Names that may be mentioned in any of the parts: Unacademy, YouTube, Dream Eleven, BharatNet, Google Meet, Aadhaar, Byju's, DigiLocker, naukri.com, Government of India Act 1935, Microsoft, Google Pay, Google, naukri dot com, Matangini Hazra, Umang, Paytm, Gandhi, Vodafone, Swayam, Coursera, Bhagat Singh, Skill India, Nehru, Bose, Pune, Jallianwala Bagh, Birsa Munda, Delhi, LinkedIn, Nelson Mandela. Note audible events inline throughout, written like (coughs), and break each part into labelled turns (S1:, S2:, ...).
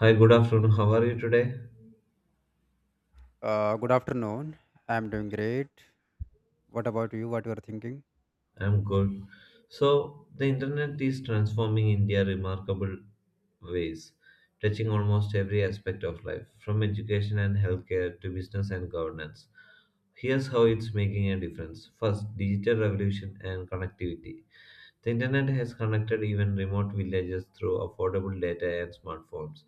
S1: Hi, good afternoon. How are you today?
S2: Good afternoon. I'm doing great. What about you? What you are thinking?
S1: I'm good. So, the internet is transforming India remarkable ways, touching almost every aspect of life, from education and healthcare to business and governance. Here's how it's making a difference. First, digital revolution and connectivity. The internet has connected even remote villages through affordable data and smartphones.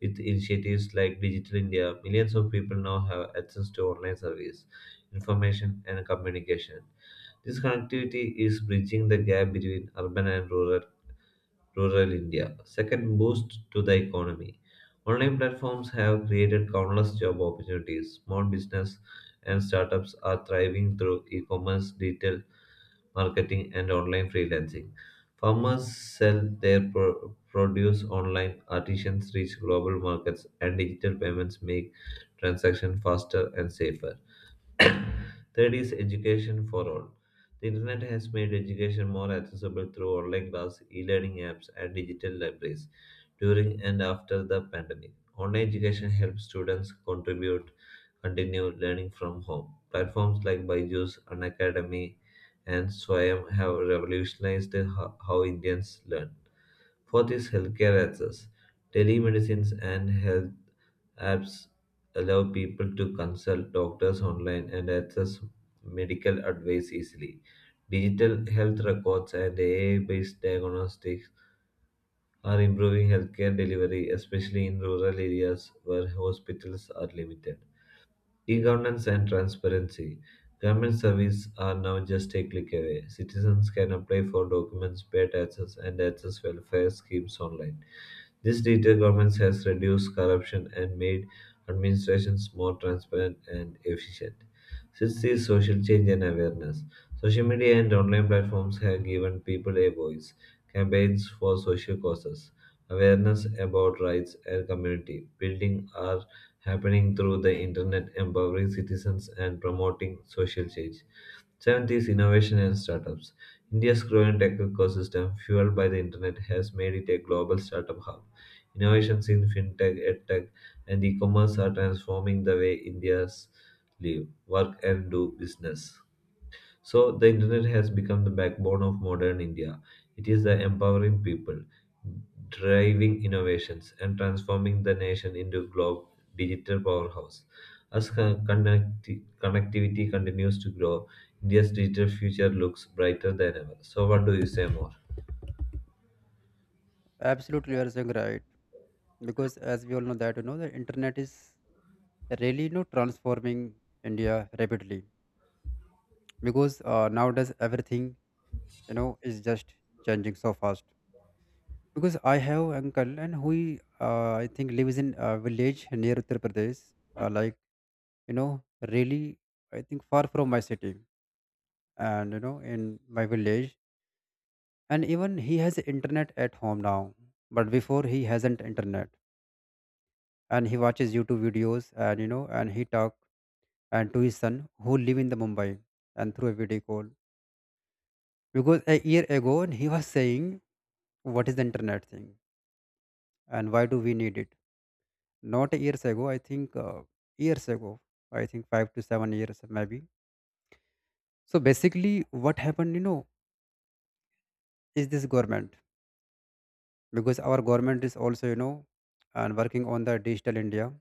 S1: With initiatives like Digital India, millions of people now have access to online service, information, and communication. This connectivity is bridging the gap between urban and rural India. Second, boost to the economy. Online platforms have created countless job opportunities. Small business and startups are thriving through e-commerce, digital marketing, and online freelancing. Farmers sell their produce online, artisans reach global markets, and digital payments make transactions faster and safer. Third is education for all. The internet has made education more accessible through online class, e-learning apps, and digital libraries during and after the pandemic. Online education helps students contribute, continue learning from home. Platforms like Byju's, Unacademy, and Swayam have revolutionized how Indians learn. Fourth is healthcare access. Telemedicines and health apps allow people to consult doctors online and access medical advice easily. Digital health records and AI based diagnostics are improving healthcare delivery, especially in rural areas where hospitals are limited. E governance and transparency. Government services are now just a click away. Citizens can apply for documents, pay taxes, and access welfare schemes online. This digital governance has reduced corruption and made administrations more transparent and efficient. Sixth, this social change and awareness, social media and online platforms have given people a voice. Campaigns for social causes, awareness about rights and community building are happening through the internet, empowering citizens and promoting social change. 70s innovation and startups. India's growing tech ecosystem, fueled by the internet, has made it a global startup hub. Innovations in fintech, edtech, and e-commerce are transforming the way Indians live, work, and do business. So, the internet has become the backbone of modern India. It is the empowering people, driving innovations, and transforming the nation into globe digital powerhouse. As connectivity continues to grow, India's digital future looks brighter than ever. So, what do you say more?
S2: Absolutely, you are saying right. Because as we all know that the internet is really transforming India rapidly. Because nowadays everything is just changing so fast. Because I have uncle and who I think lives in a village near Uttar Pradesh, like you know really I think far from my city, and in my village, and even he has internet at home now, but before he hasn't internet, and he watches YouTube videos and you know and he talk and to his son who live in the Mumbai and through a video call, because a year ago and he was saying, what is the internet thing and why do we need it? Not years ago, I think, years ago I think 5 to 7 years maybe. So basically what happened is this government, because our government is also and working on the Digital India,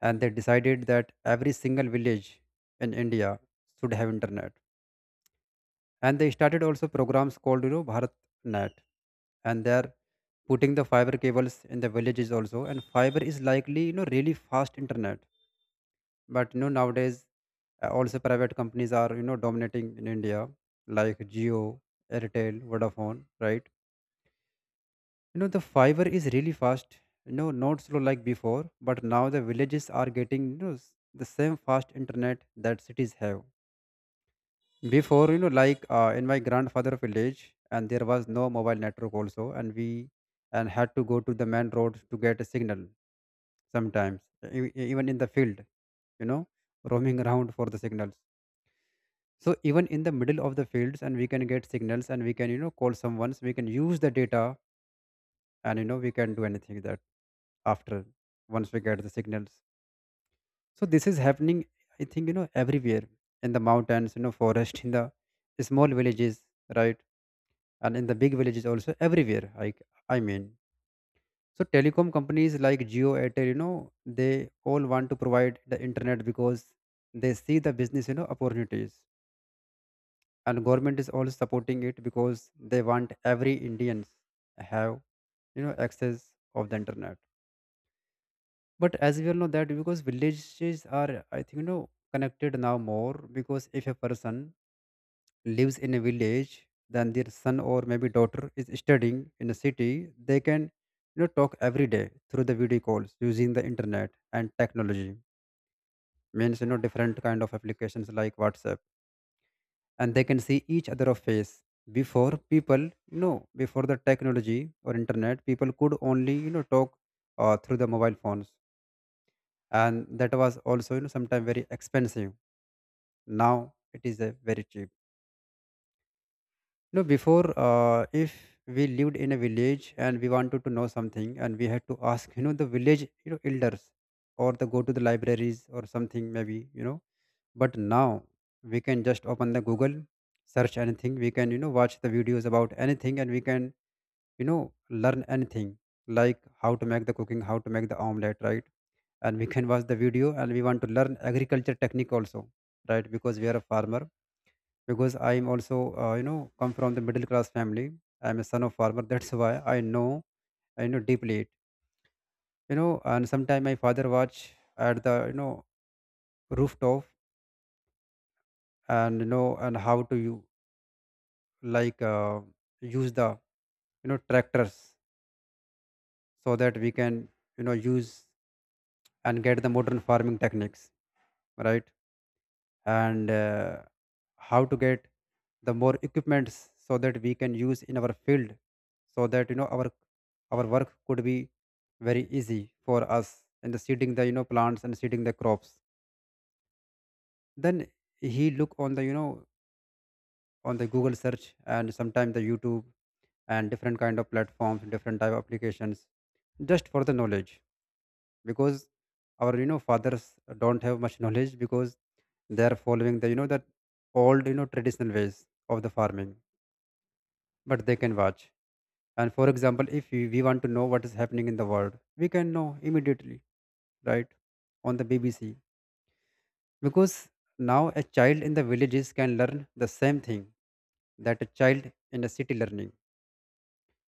S2: and they decided that every single village in India should have internet. And they started also programs called BharatNet, and they're putting the fiber cables in the villages also. And fiber is likely really fast internet, but nowadays also private companies are dominating in India, like Geo, Airtel, Vodafone, right? The fiber is really fast. Not slow like before, but now the villages are getting the same fast internet that cities have. Before, like in my grandfather village, and there was no mobile network also, and we and had to go to the main road to get a signal sometimes, even in the field, you know, roaming around for the signals. So even in the middle of the fields, and we can get signals, and we can call someone. We can use the data, and we can do anything that after once we get the signals. So this is happening, I think, everywhere, in the mountains, forest in the small villages, right, and in the big villages also, everywhere, like I mean. So telecom companies like Geo, Airtel, they all want to provide the internet because they see the business opportunities, and government is also supporting it because they want every Indians have access of the internet. But as we all know that because villages are, I think, connected now more, because if a person lives in a village, then their son or maybe daughter is studying in a city, they can talk every day through the video calls using the internet and technology, means different kind of applications like WhatsApp, and they can see each other of face. Before people, you know before the technology or internet, people could only talk through the mobile phones, and that was also sometimes very expensive. Now it is very cheap. Before, if we lived in a village and we wanted to know something, and we had to ask the village elders, or the go to the libraries or something maybe. But now we can just open the Google, search anything, we can watch the videos about anything, and we can you know learn anything, like how to make the cooking, how to make the omelette, right. And we can watch the video, and we want to learn agriculture technique also, right, because we are a farmer. Because I am also, come from the middle class family. I am a son of farmer (laughs) that's why I know deeply it. And sometime my father watch at the rooftop, and how to you, like, use the tractors, so that we can use and get the modern farming techniques, right. And how to get the more equipments so that we can use in our field, so that our work could be very easy for us, and the seeding the plants and seeding the crops. Then he look on the Google search and sometime the YouTube, and different kind of platforms, different type of applications, just for the knowledge, because our fathers don't have much knowledge, because they are following the that old traditional ways of the farming, but they can watch. And for example, if we want to know what is happening in the world, we can know immediately, right, on the BBC. Because now a child in the villages can learn the same thing that a child in a city learning.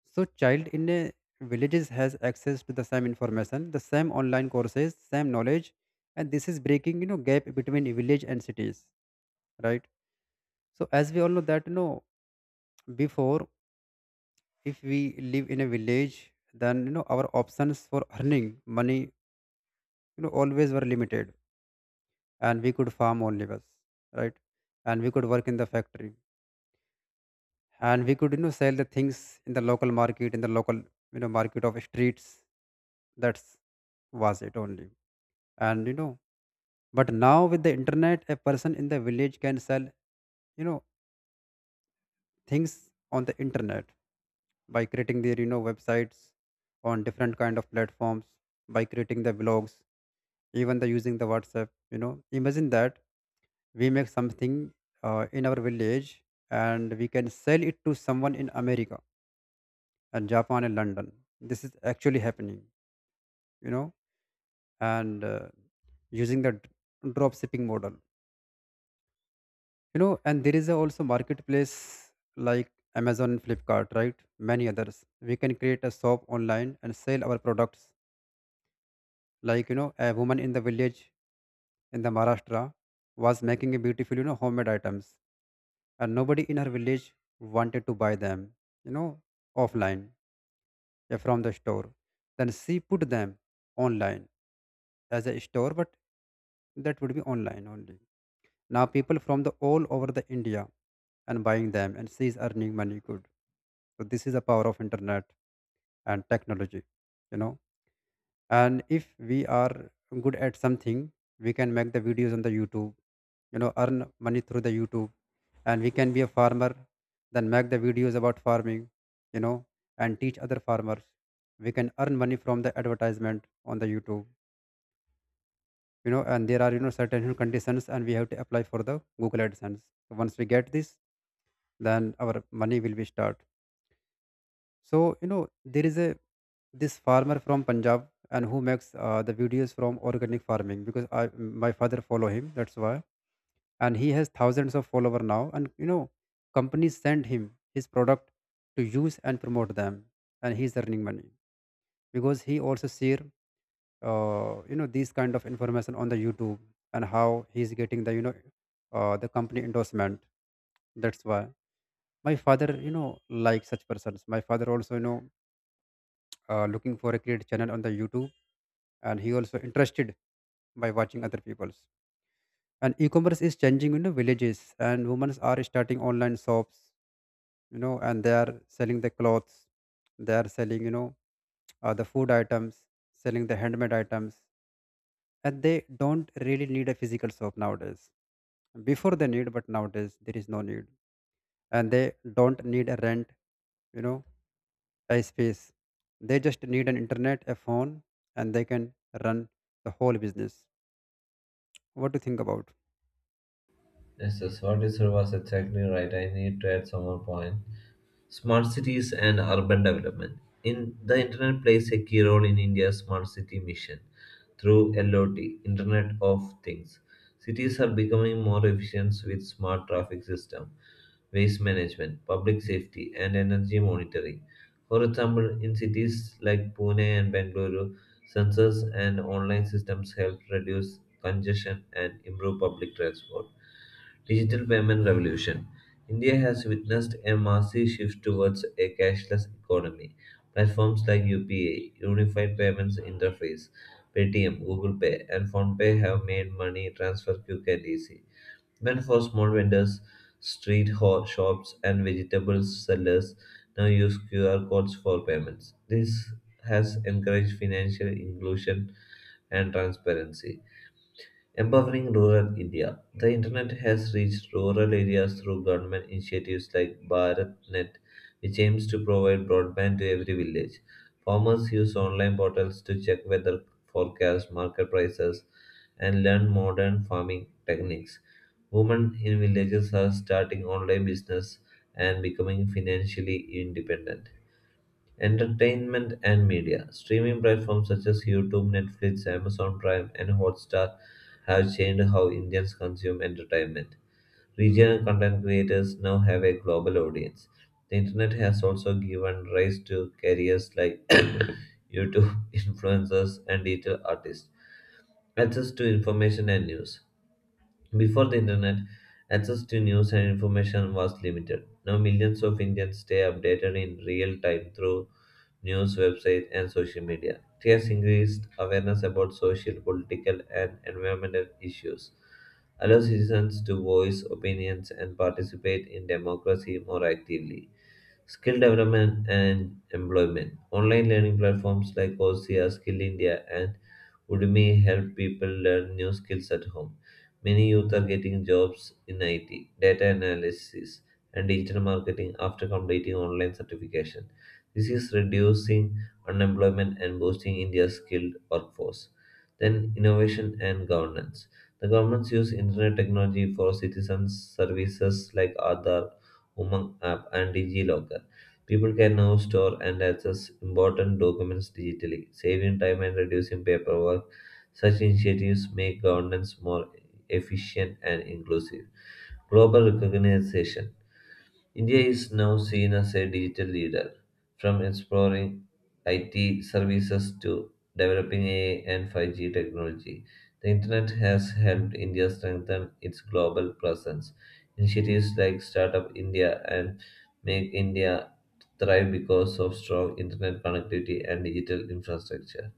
S2: So child in a villages has access to the same information, the same online courses, same knowledge, and this is breaking gap between village and cities, right? So as we all know that before, if we live in a village, then our options for earning money always were limited, and we could farm only was, right, and we could work in the factory, and we could sell the things in the local market, in the local market of streets. That's was it only, and but now with the internet, a person in the village can sell you know things on the internet by creating their websites on different kind of platforms, by creating the blogs, even the using the WhatsApp, imagine that we make something in our village, and we can sell it to someone in America and Japan and London. This is actually happening, you know and using the drop shipping model, and there is a also marketplace like Amazon, Flipkart, right, many others. We can create a shop online and sell our products, like a woman in the village in the Maharashtra was making a beautiful homemade items, and nobody in her village wanted to buy them, you know offline, yeah, from the store. Then she put them online as a store, but that would be online only. Now people from the all over the India and buying them, and she's earning money good. So this is the power of internet and technology, you know. And if we are good at something, we can make the videos on the YouTube, earn money through the YouTube. And we can be a farmer, then make the videos about farming, you know, and teach other farmers. We can earn money from the advertisement on the YouTube. And there are, certain conditions, and we have to apply for the Google AdSense. So once we get this, then our money will be start. So there is a this farmer from Punjab and who makes the videos from organic farming, because I my father follow him, that's why. And he has thousands of follower now, and companies send him his product to use and promote them, and he's earning money, because he also share these kind of information on the YouTube, and how he's getting the the company endorsement, that's why my father, like such persons, my father also, looking for a create channel on the YouTube, and he also interested by watching other people's. And e-commerce is changing villages, and women are starting online shops, and they are selling the clothes, they are selling, the food items, selling the handmade items, and they don't really need a physical shop nowadays, before they need but nowadays there is no need, and they don't need a rent, you know a space. They just need an internet, a phone, and they can run the whole business. What do you think about?
S1: Yes, yes, what you said was exactly right. I need to add some more point. Smart cities and urban development. In the internet plays a key role in India's smart city mission through LOT, Internet of Things. Cities are becoming more efficient with smart traffic system, waste management, public safety, and energy monitoring. For example, in cities like Pune and Bengaluru, sensors and online systems help reduce congestion and improve public transport digital payment revolution. India has witnessed a massive shift towards a cashless economy. Platforms like UPI Unified Payments Interface, Paytm, Google Pay, and PhonePe have made money transfer quick and easy. Even for small vendors, shops, and vegetable sellers now use QR codes for payments. This has encouraged financial inclusion and transparency. Empowering rural India. The internet has reached rural areas through government initiatives like BharatNet, which aims to provide broadband to every village. Farmers use online portals to check weather forecasts, market prices, and learn modern farming techniques. Women in villages are starting online business and becoming financially independent. Entertainment and media. Streaming platforms such as YouTube, Netflix, Amazon Prime, and Hotstar have changed how Indians consume entertainment. Regional content creators now have a global audience. The internet has also given rise to careers like (coughs) YouTube (laughs) influencers and digital artists. Access to information and news. Before the internet, access to news and information was limited. Now, millions of Indians stay updated in real time through news websites and social media. It has increased awareness about social, political, and environmental issues, allow citizens to voice opinions and participate in democracy more actively. Skill development and employment. Online learning platforms like Coursera, Skill India, and Udemy help people learn new skills at home. Many youth are getting jobs in IT, data analysis, and digital marketing after completing online certification. This is reducing unemployment and boosting India's skilled workforce. Then, innovation and governance. The governments use internet technology for citizens' services like Aadhaar, Umang app, and DigiLocker. People can now store and access important documents digitally, saving time and reducing paperwork. Such initiatives make governance more efficient, and inclusive. Global recognition. India is now seen as a digital leader, from exploring IT services to developing AI and 5G technology. The internet has helped India strengthen its global presence. Initiatives like Startup India and Make India thrive because of strong internet connectivity and digital infrastructure.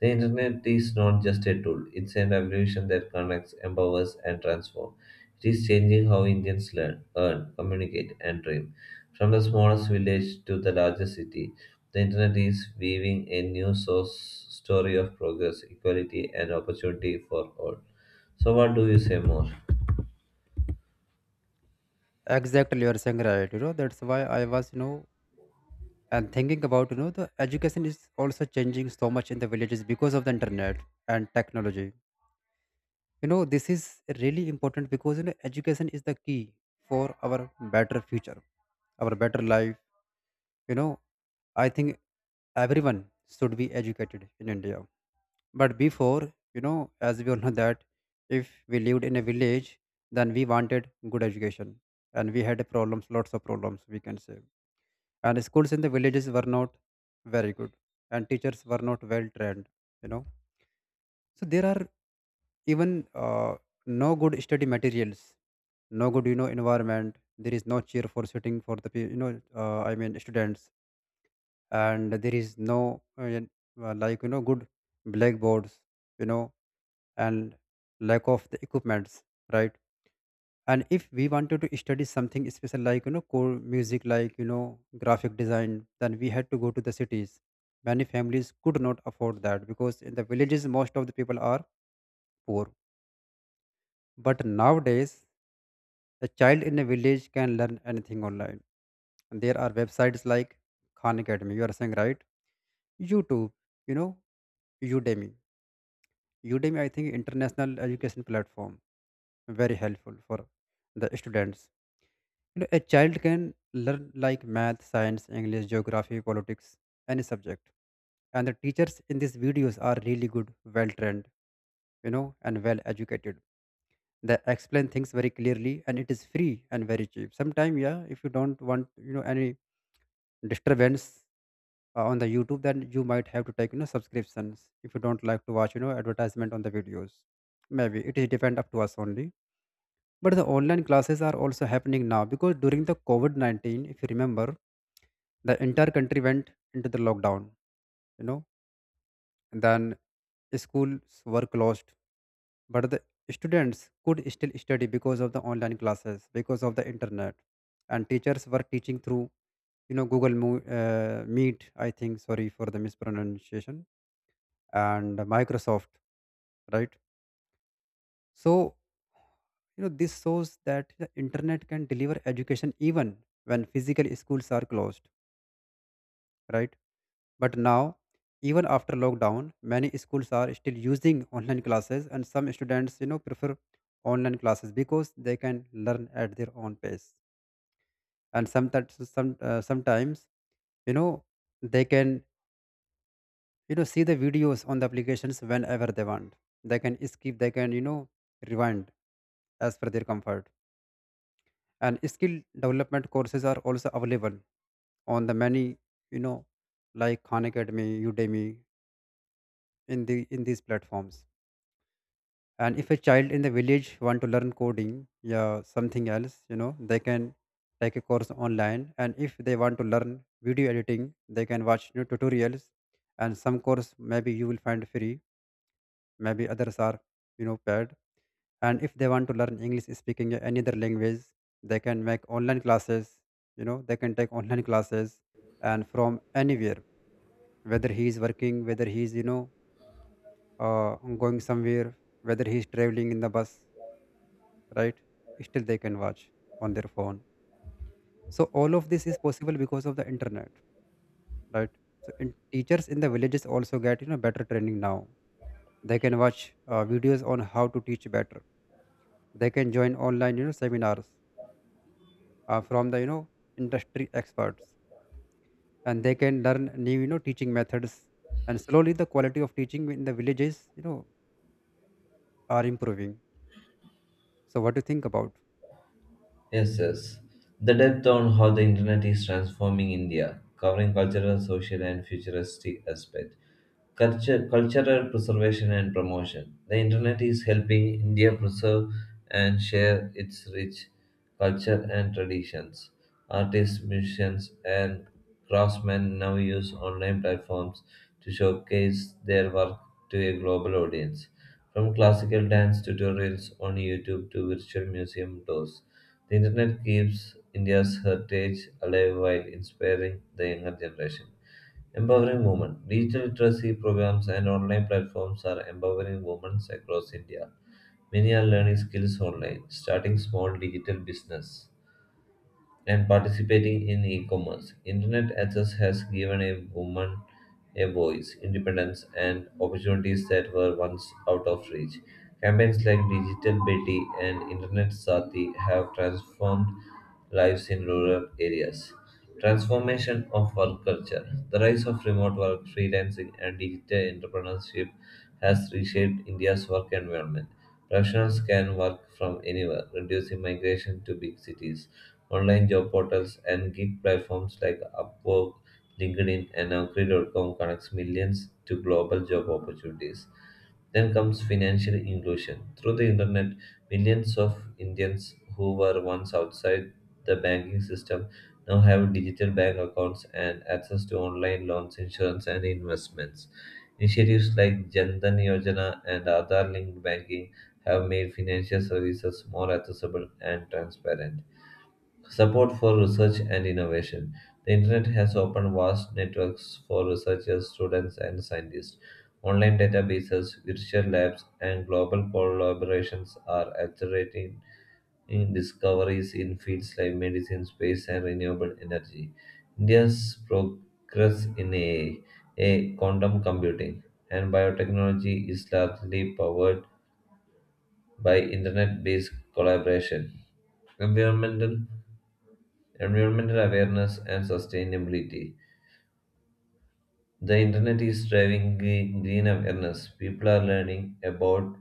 S1: The internet is not just a tool, it's a revolution that connects, empowers, and transforms. It is changing how Indians learn, earn, communicate, and dream. From the smallest village to the largest city, the internet is weaving a new source story of progress, equality, and opportunity for all. So, what do you say more?
S2: Exactly, you are saying right. That's why I was, and thinking about the education is also changing so much in the villages because of the internet and technology. This is really important, because education is the key for our better future, our better life. You know I think everyone should be educated in India. But before, as we all know that if we lived in a village, then we wanted good education and we had problems, lots of problems, we can say. And schools in the villages were not very good, and teachers were not well trained, you know. So there are even no good study materials, no good, environment. There is no cheer for sitting for the, students. And there is no, good blackboards, you know and lack of the equipments, right, and if we wanted to study something special, core music, graphic design, then we had to go to the cities. Many families could not afford that because in the villages most of the people are poor. But nowadays a child in a village can learn anything online, and there are websites like Khan Academy, you are saying, right? YouTube, you know Udemy. Udemy, I think, international education platform, very helpful for the students. You know, a child can learn like math, science, English, geography, politics, any subject. And the teachers in these videos are really good, well trained, you know, and well educated. They explain things very clearly and it is free and very cheap. Sometimes, yeah, if you don't want, you know, any disturbance on the YouTube, then you might have to take, you know, subscriptions if you don't like to watch, you know, advertisement on the videos. Maybe it is depend up to us only, but the online classes are also happening now because during the COVID 19, if you remember, the entire country went into the lockdown, you know, and then schools were closed. But the students could still study because of the online classes, because of the internet. And teachers were teaching through, you know, Meet, I think, sorry for the mispronunciation, and Microsoft, right? So, you know, this shows that the internet can deliver education even when physical schools are closed, right? But now, even after lockdown, many schools are still using online classes, and some students, you know, prefer online classes because they can learn at their own pace. And sometimes, sometimes, you know, they can, you know, see the videos on the applications whenever they want. They can skip, they can, you know, rewind as per their comfort, and skill development courses are also available on the many, you know Khan Academy, Udemy, in these platforms. And if a child in the village want to learn coding, yeah, something else, you know, they can take a course online. And if they want to learn video editing, they can watch, you know, tutorials, and some course maybe you will find free, maybe others are, you know, paid. And if they want to learn English speaking, any other language, they can make online classes, you know, they can take online classes, and from anywhere, whether he is working, whether he is, uh, going somewhere, whether he is traveling in the bus, right, still they can watch on their phone. So all of this is possible because of the internet, right? So teachers in the villages also get, you know, better training now. They can watch, videos on how to teach better. They can join online, you know, seminars, from the, you know, industry experts, and they can learn new, you know, teaching methods, and slowly the quality of teaching in the villages, you know, are improving. So what do you think about?
S1: Yes, yes. The depth on how the internet is transforming India, covering cultural, social, and futuristic aspect. Culture, cultural preservation and promotion. The internet is helping India preserve and share its rich culture and traditions. Artists, musicians, and craftsmen now use online platforms to showcase their work to a global audience. From classical dance tutorials on YouTube to virtual museum tours the internet keeps India's heritage alive while inspiring the younger generation. Empowering women. Digital literacy programs and online platforms are empowering women across India. Many are learning skills online, starting small digital business and participating in e-commerce. Internet access has given a woman a voice, independence, and opportunities that were once out of reach. Campaigns like Digital Betty and Internet Sati have transformed lives in rural areas. Transformation of work culture. The rise of remote work, freelancing, and digital entrepreneurship has reshaped India's work environment. Professionals can work from anywhere, reducing migration to big cities. Online job portals and gig platforms like Upwork, LinkedIn, and naukri.com connects millions to global job opportunities. Then comes financial inclusion. Through the internet, millions of Indians who were once outside the banking system now have digital bank accounts and access to online loans, insurance, and investments. Initiatives like Jan Dhan Yojana and Aadhaar linked banking have made financial services more accessible and transparent. Support for research and innovation. The internet has opened vast networks for researchers, students, and scientists. Online databases, virtual labs, and global collaborations are accelerating in discoveries in fields like medicine, space, and renewable energy. India's progress in AI, quantum computing, and biotechnology is largely powered by internet based collaboration. Environmental Environmental awareness and sustainability. The internet is driving green awareness. People are learning about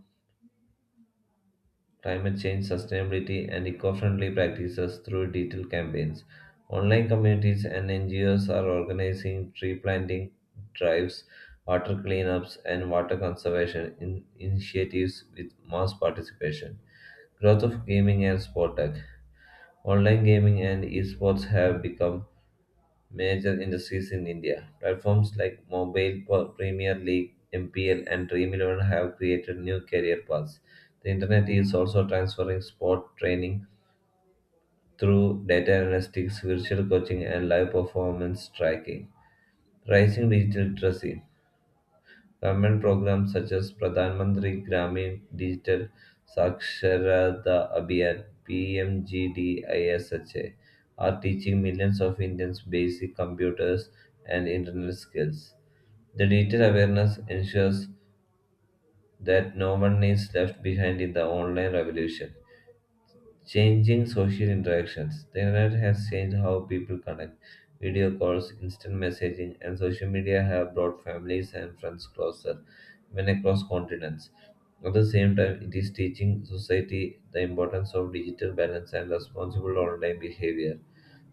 S1: climate change, sustainability, and eco friendly practices through detailed campaigns. Online communities and NGOs are organizing tree planting drives, water cleanups, and water conservation initiatives with mass participation. Growth of gaming and sport tech. Online gaming and esports have become major industries in India. Platforms like Premier League, MPL, and Dream 11 have created new career paths. The internet is also transferring sport training through data analytics, virtual coaching, and live performance tracking. Rising digital literacy. Government programs such as Pradhan Mantri Gramin Digital Saksharata Abhiyan (PMGDISHA) are teaching millions of Indians basic computers and internet skills. The digital awareness ensures that no one is left behind in the online revolution. Changing social interactions. The internet has changed how people connect. Video calls, instant messaging, and social media have brought families and friends closer, even across continents. At the same time, it is teaching society the importance of digital balance and responsible online behavior.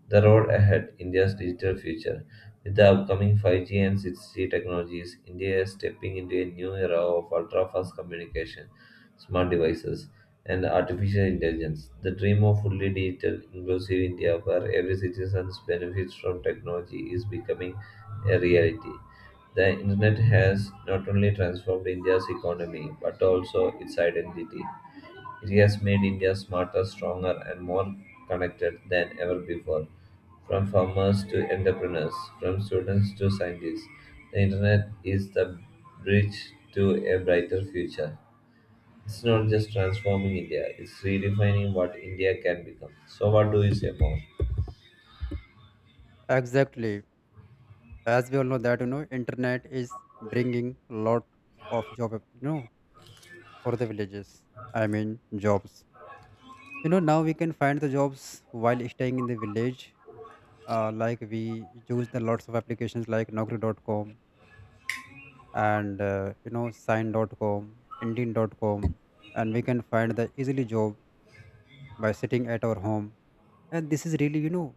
S1: The road ahead, India's digital future. With the upcoming 5G and 6G technologies, India is stepping into a new era of ultra fast communication smart devices, and artificial intelligence. The dream of fully digital, inclusive India, where every citizen benefits from technology, is becoming a reality. The internet has not only transformed India's economy but also its identity. It has made India smarter, stronger, and more connected than ever before. From farmers to entrepreneurs, from students to scientists, the internet is the bridge to a brighter future. It's not just transforming India, it's redefining what India can become. So, what do you say more?
S2: Exactly. As we all know that, you know, internet is bringing lot of job op- you know for the villages, I mean, jobs, you know. Now we can find the jobs while staying in the village. Like, we use the lots of applications like naukri.com, and you know, sign.com, indian.com, and we can find the easily job by sitting at our home. And this is really,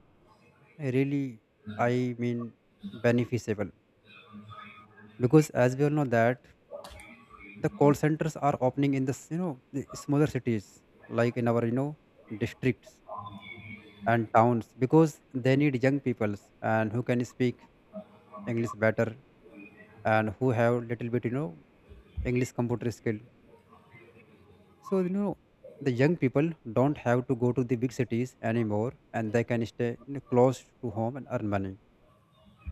S2: really I mean, beneficiable, because as we all know that the call centers are opening in this, you know, the smaller cities, like in our, you know, districts and towns, because they need young peoples and who can speak English better, and who have little bit, you know, English computer skill. So, you know, the young people don't have to go to the big cities anymore, and they can stay, you know, close to home and earn money.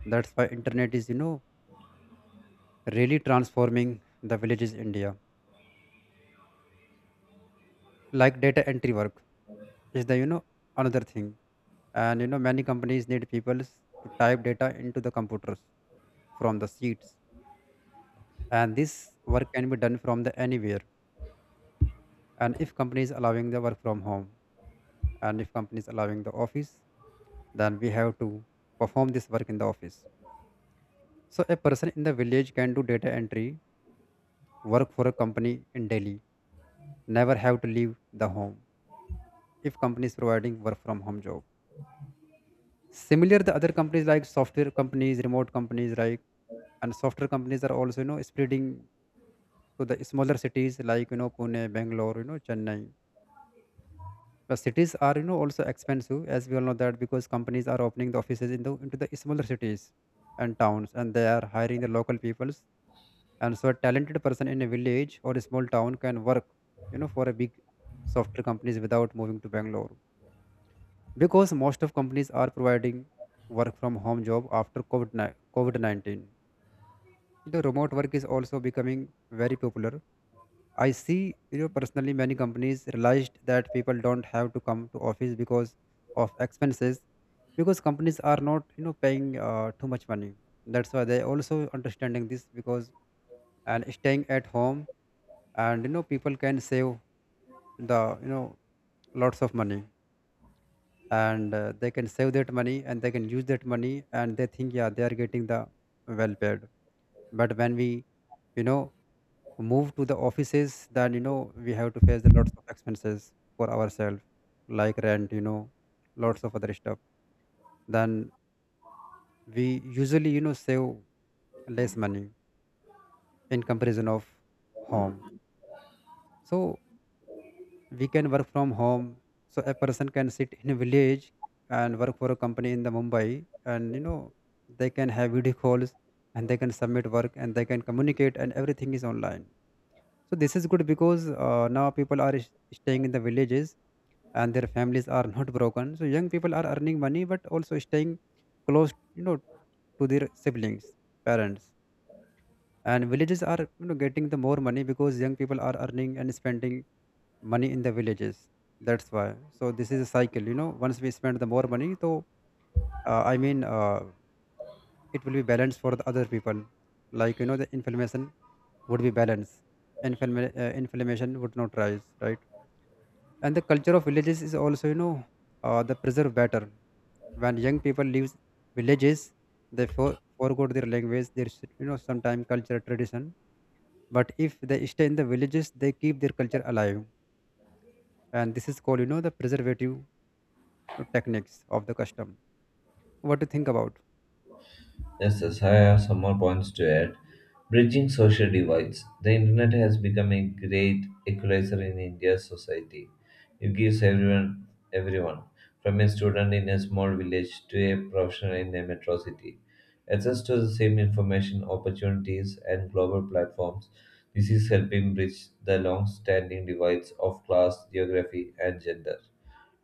S2: That's why internet is, you know, really transforming the villages in India. Like data entry work is the, you know, another thing. And, you know, many companies need people to type data into the computers from the seats. And this work can be done from the anywhere. And if companies allowing the work from home, and if companies allowing the office, then we have to perform this work in the office. So a person in the village can do data entry, work for a company in Delhi, never have to leave the home if company is providing work from home job. Similar, the other companies like software companies, remote companies like, and software companies are also, you know, spreading to the smaller cities, like, you know, Pune, Bangalore, you know, Chennai. The cities are, you know, also expensive, as we all know that, because companies are opening the offices in the into the smaller cities and towns, and they are hiring the local peoples. And so a talented person in a village or a small town can work, you know, for a big software companies without moving to Bangalore, because most of companies are providing work from home job after COVID-19. The remote work is also becoming very popular, I see. You know, personally, many companies realized that people don't have to come to office because of expenses, because companies are not, you know, paying too much money. That's why they also understanding this, because, and staying at home, and, you know, people can save the you know lots of money. And they can save that money and they can use that money, and they think, yeah, they are getting the well paid. But when we, you know, move to the offices, then, you know, we have to face the lots of expenses for ourselves, like rent, you know, lots of other stuff. Then we usually, you know, save less money in comparison of home. So we can work from home. So a person can sit in a village and work for a company in the Mumbai, and, you know, they can have video calls, and they can submit work and they can communicate, and everything is online. So this is good because, now people are staying in the villages, and their families are (laughs) not broken. So young people are earning money, but also staying close, you know, to their siblings, parents. And villages are, you know, getting the more money because young people are earning and spending money in the villages, that's why. So this is a cycle, you know. Once we spend the more money, so uh, i mean uh, it will be balanced for the other people, like, you know, the inflammation would be balanced. Inflammation would not rise, right? And the culture of villages is also, you know, the preserve better. When young people leave villages, they forgot their language, their sometime culture, tradition. But if they stay in the villages, they keep their culture alive. And this is called, you know, the preservative techniques of the custom. What do you think about?
S1: Yes, yes, I have some more points to add. Bridging social divides. The internet has become a great equalizer in India's society. It gives everyone, everyone, from a student in a small village to a professional in a metro city, access to the same information, opportunities, and global platforms. This is helping bridge the long standing divides of class, geography, and gender.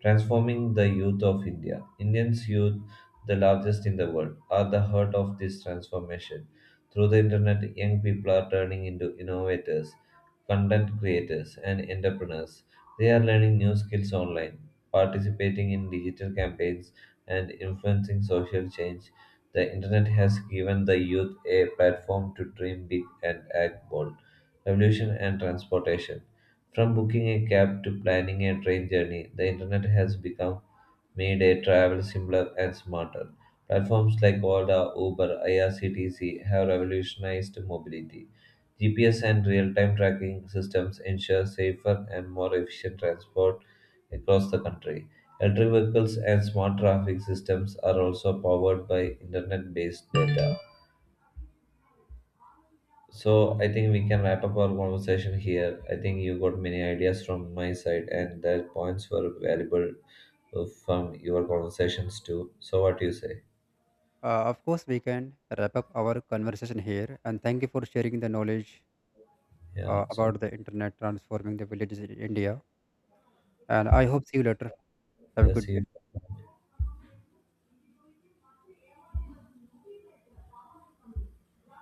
S1: Transforming the youth of India. Indians' youth, the largest in the world, are the heart of this transformation. Through the internet, young people are turning into innovators, content creators, and entrepreneurs. They are learning new skills online, participating in digital campaigns, and influencing social change. The internet has given the youth a platform to dream big and act bold. Revolution and transportation. From booking a cab to planning a train journey, the internet has become made a travel simpler and smarter. Platforms like Ola, Uber, IRCTC have revolutionized mobility. GPS and real-time tracking systems ensure safer and more efficient transport across the country. Electric vehicles and smart traffic systems are also powered by internet-based data. So I think we can wrap up our conversation here. I think you got many ideas from my side, and the points were valuable from your conversations too. So what do you say?
S2: Of course, we can wrap up our conversation here, and thank you for sharing the knowledge
S1: Yeah. So
S2: about the internet transforming the villages in India. And I hope, see you later. Have a
S1: yeah.
S2: good
S1: See
S2: day.
S1: you.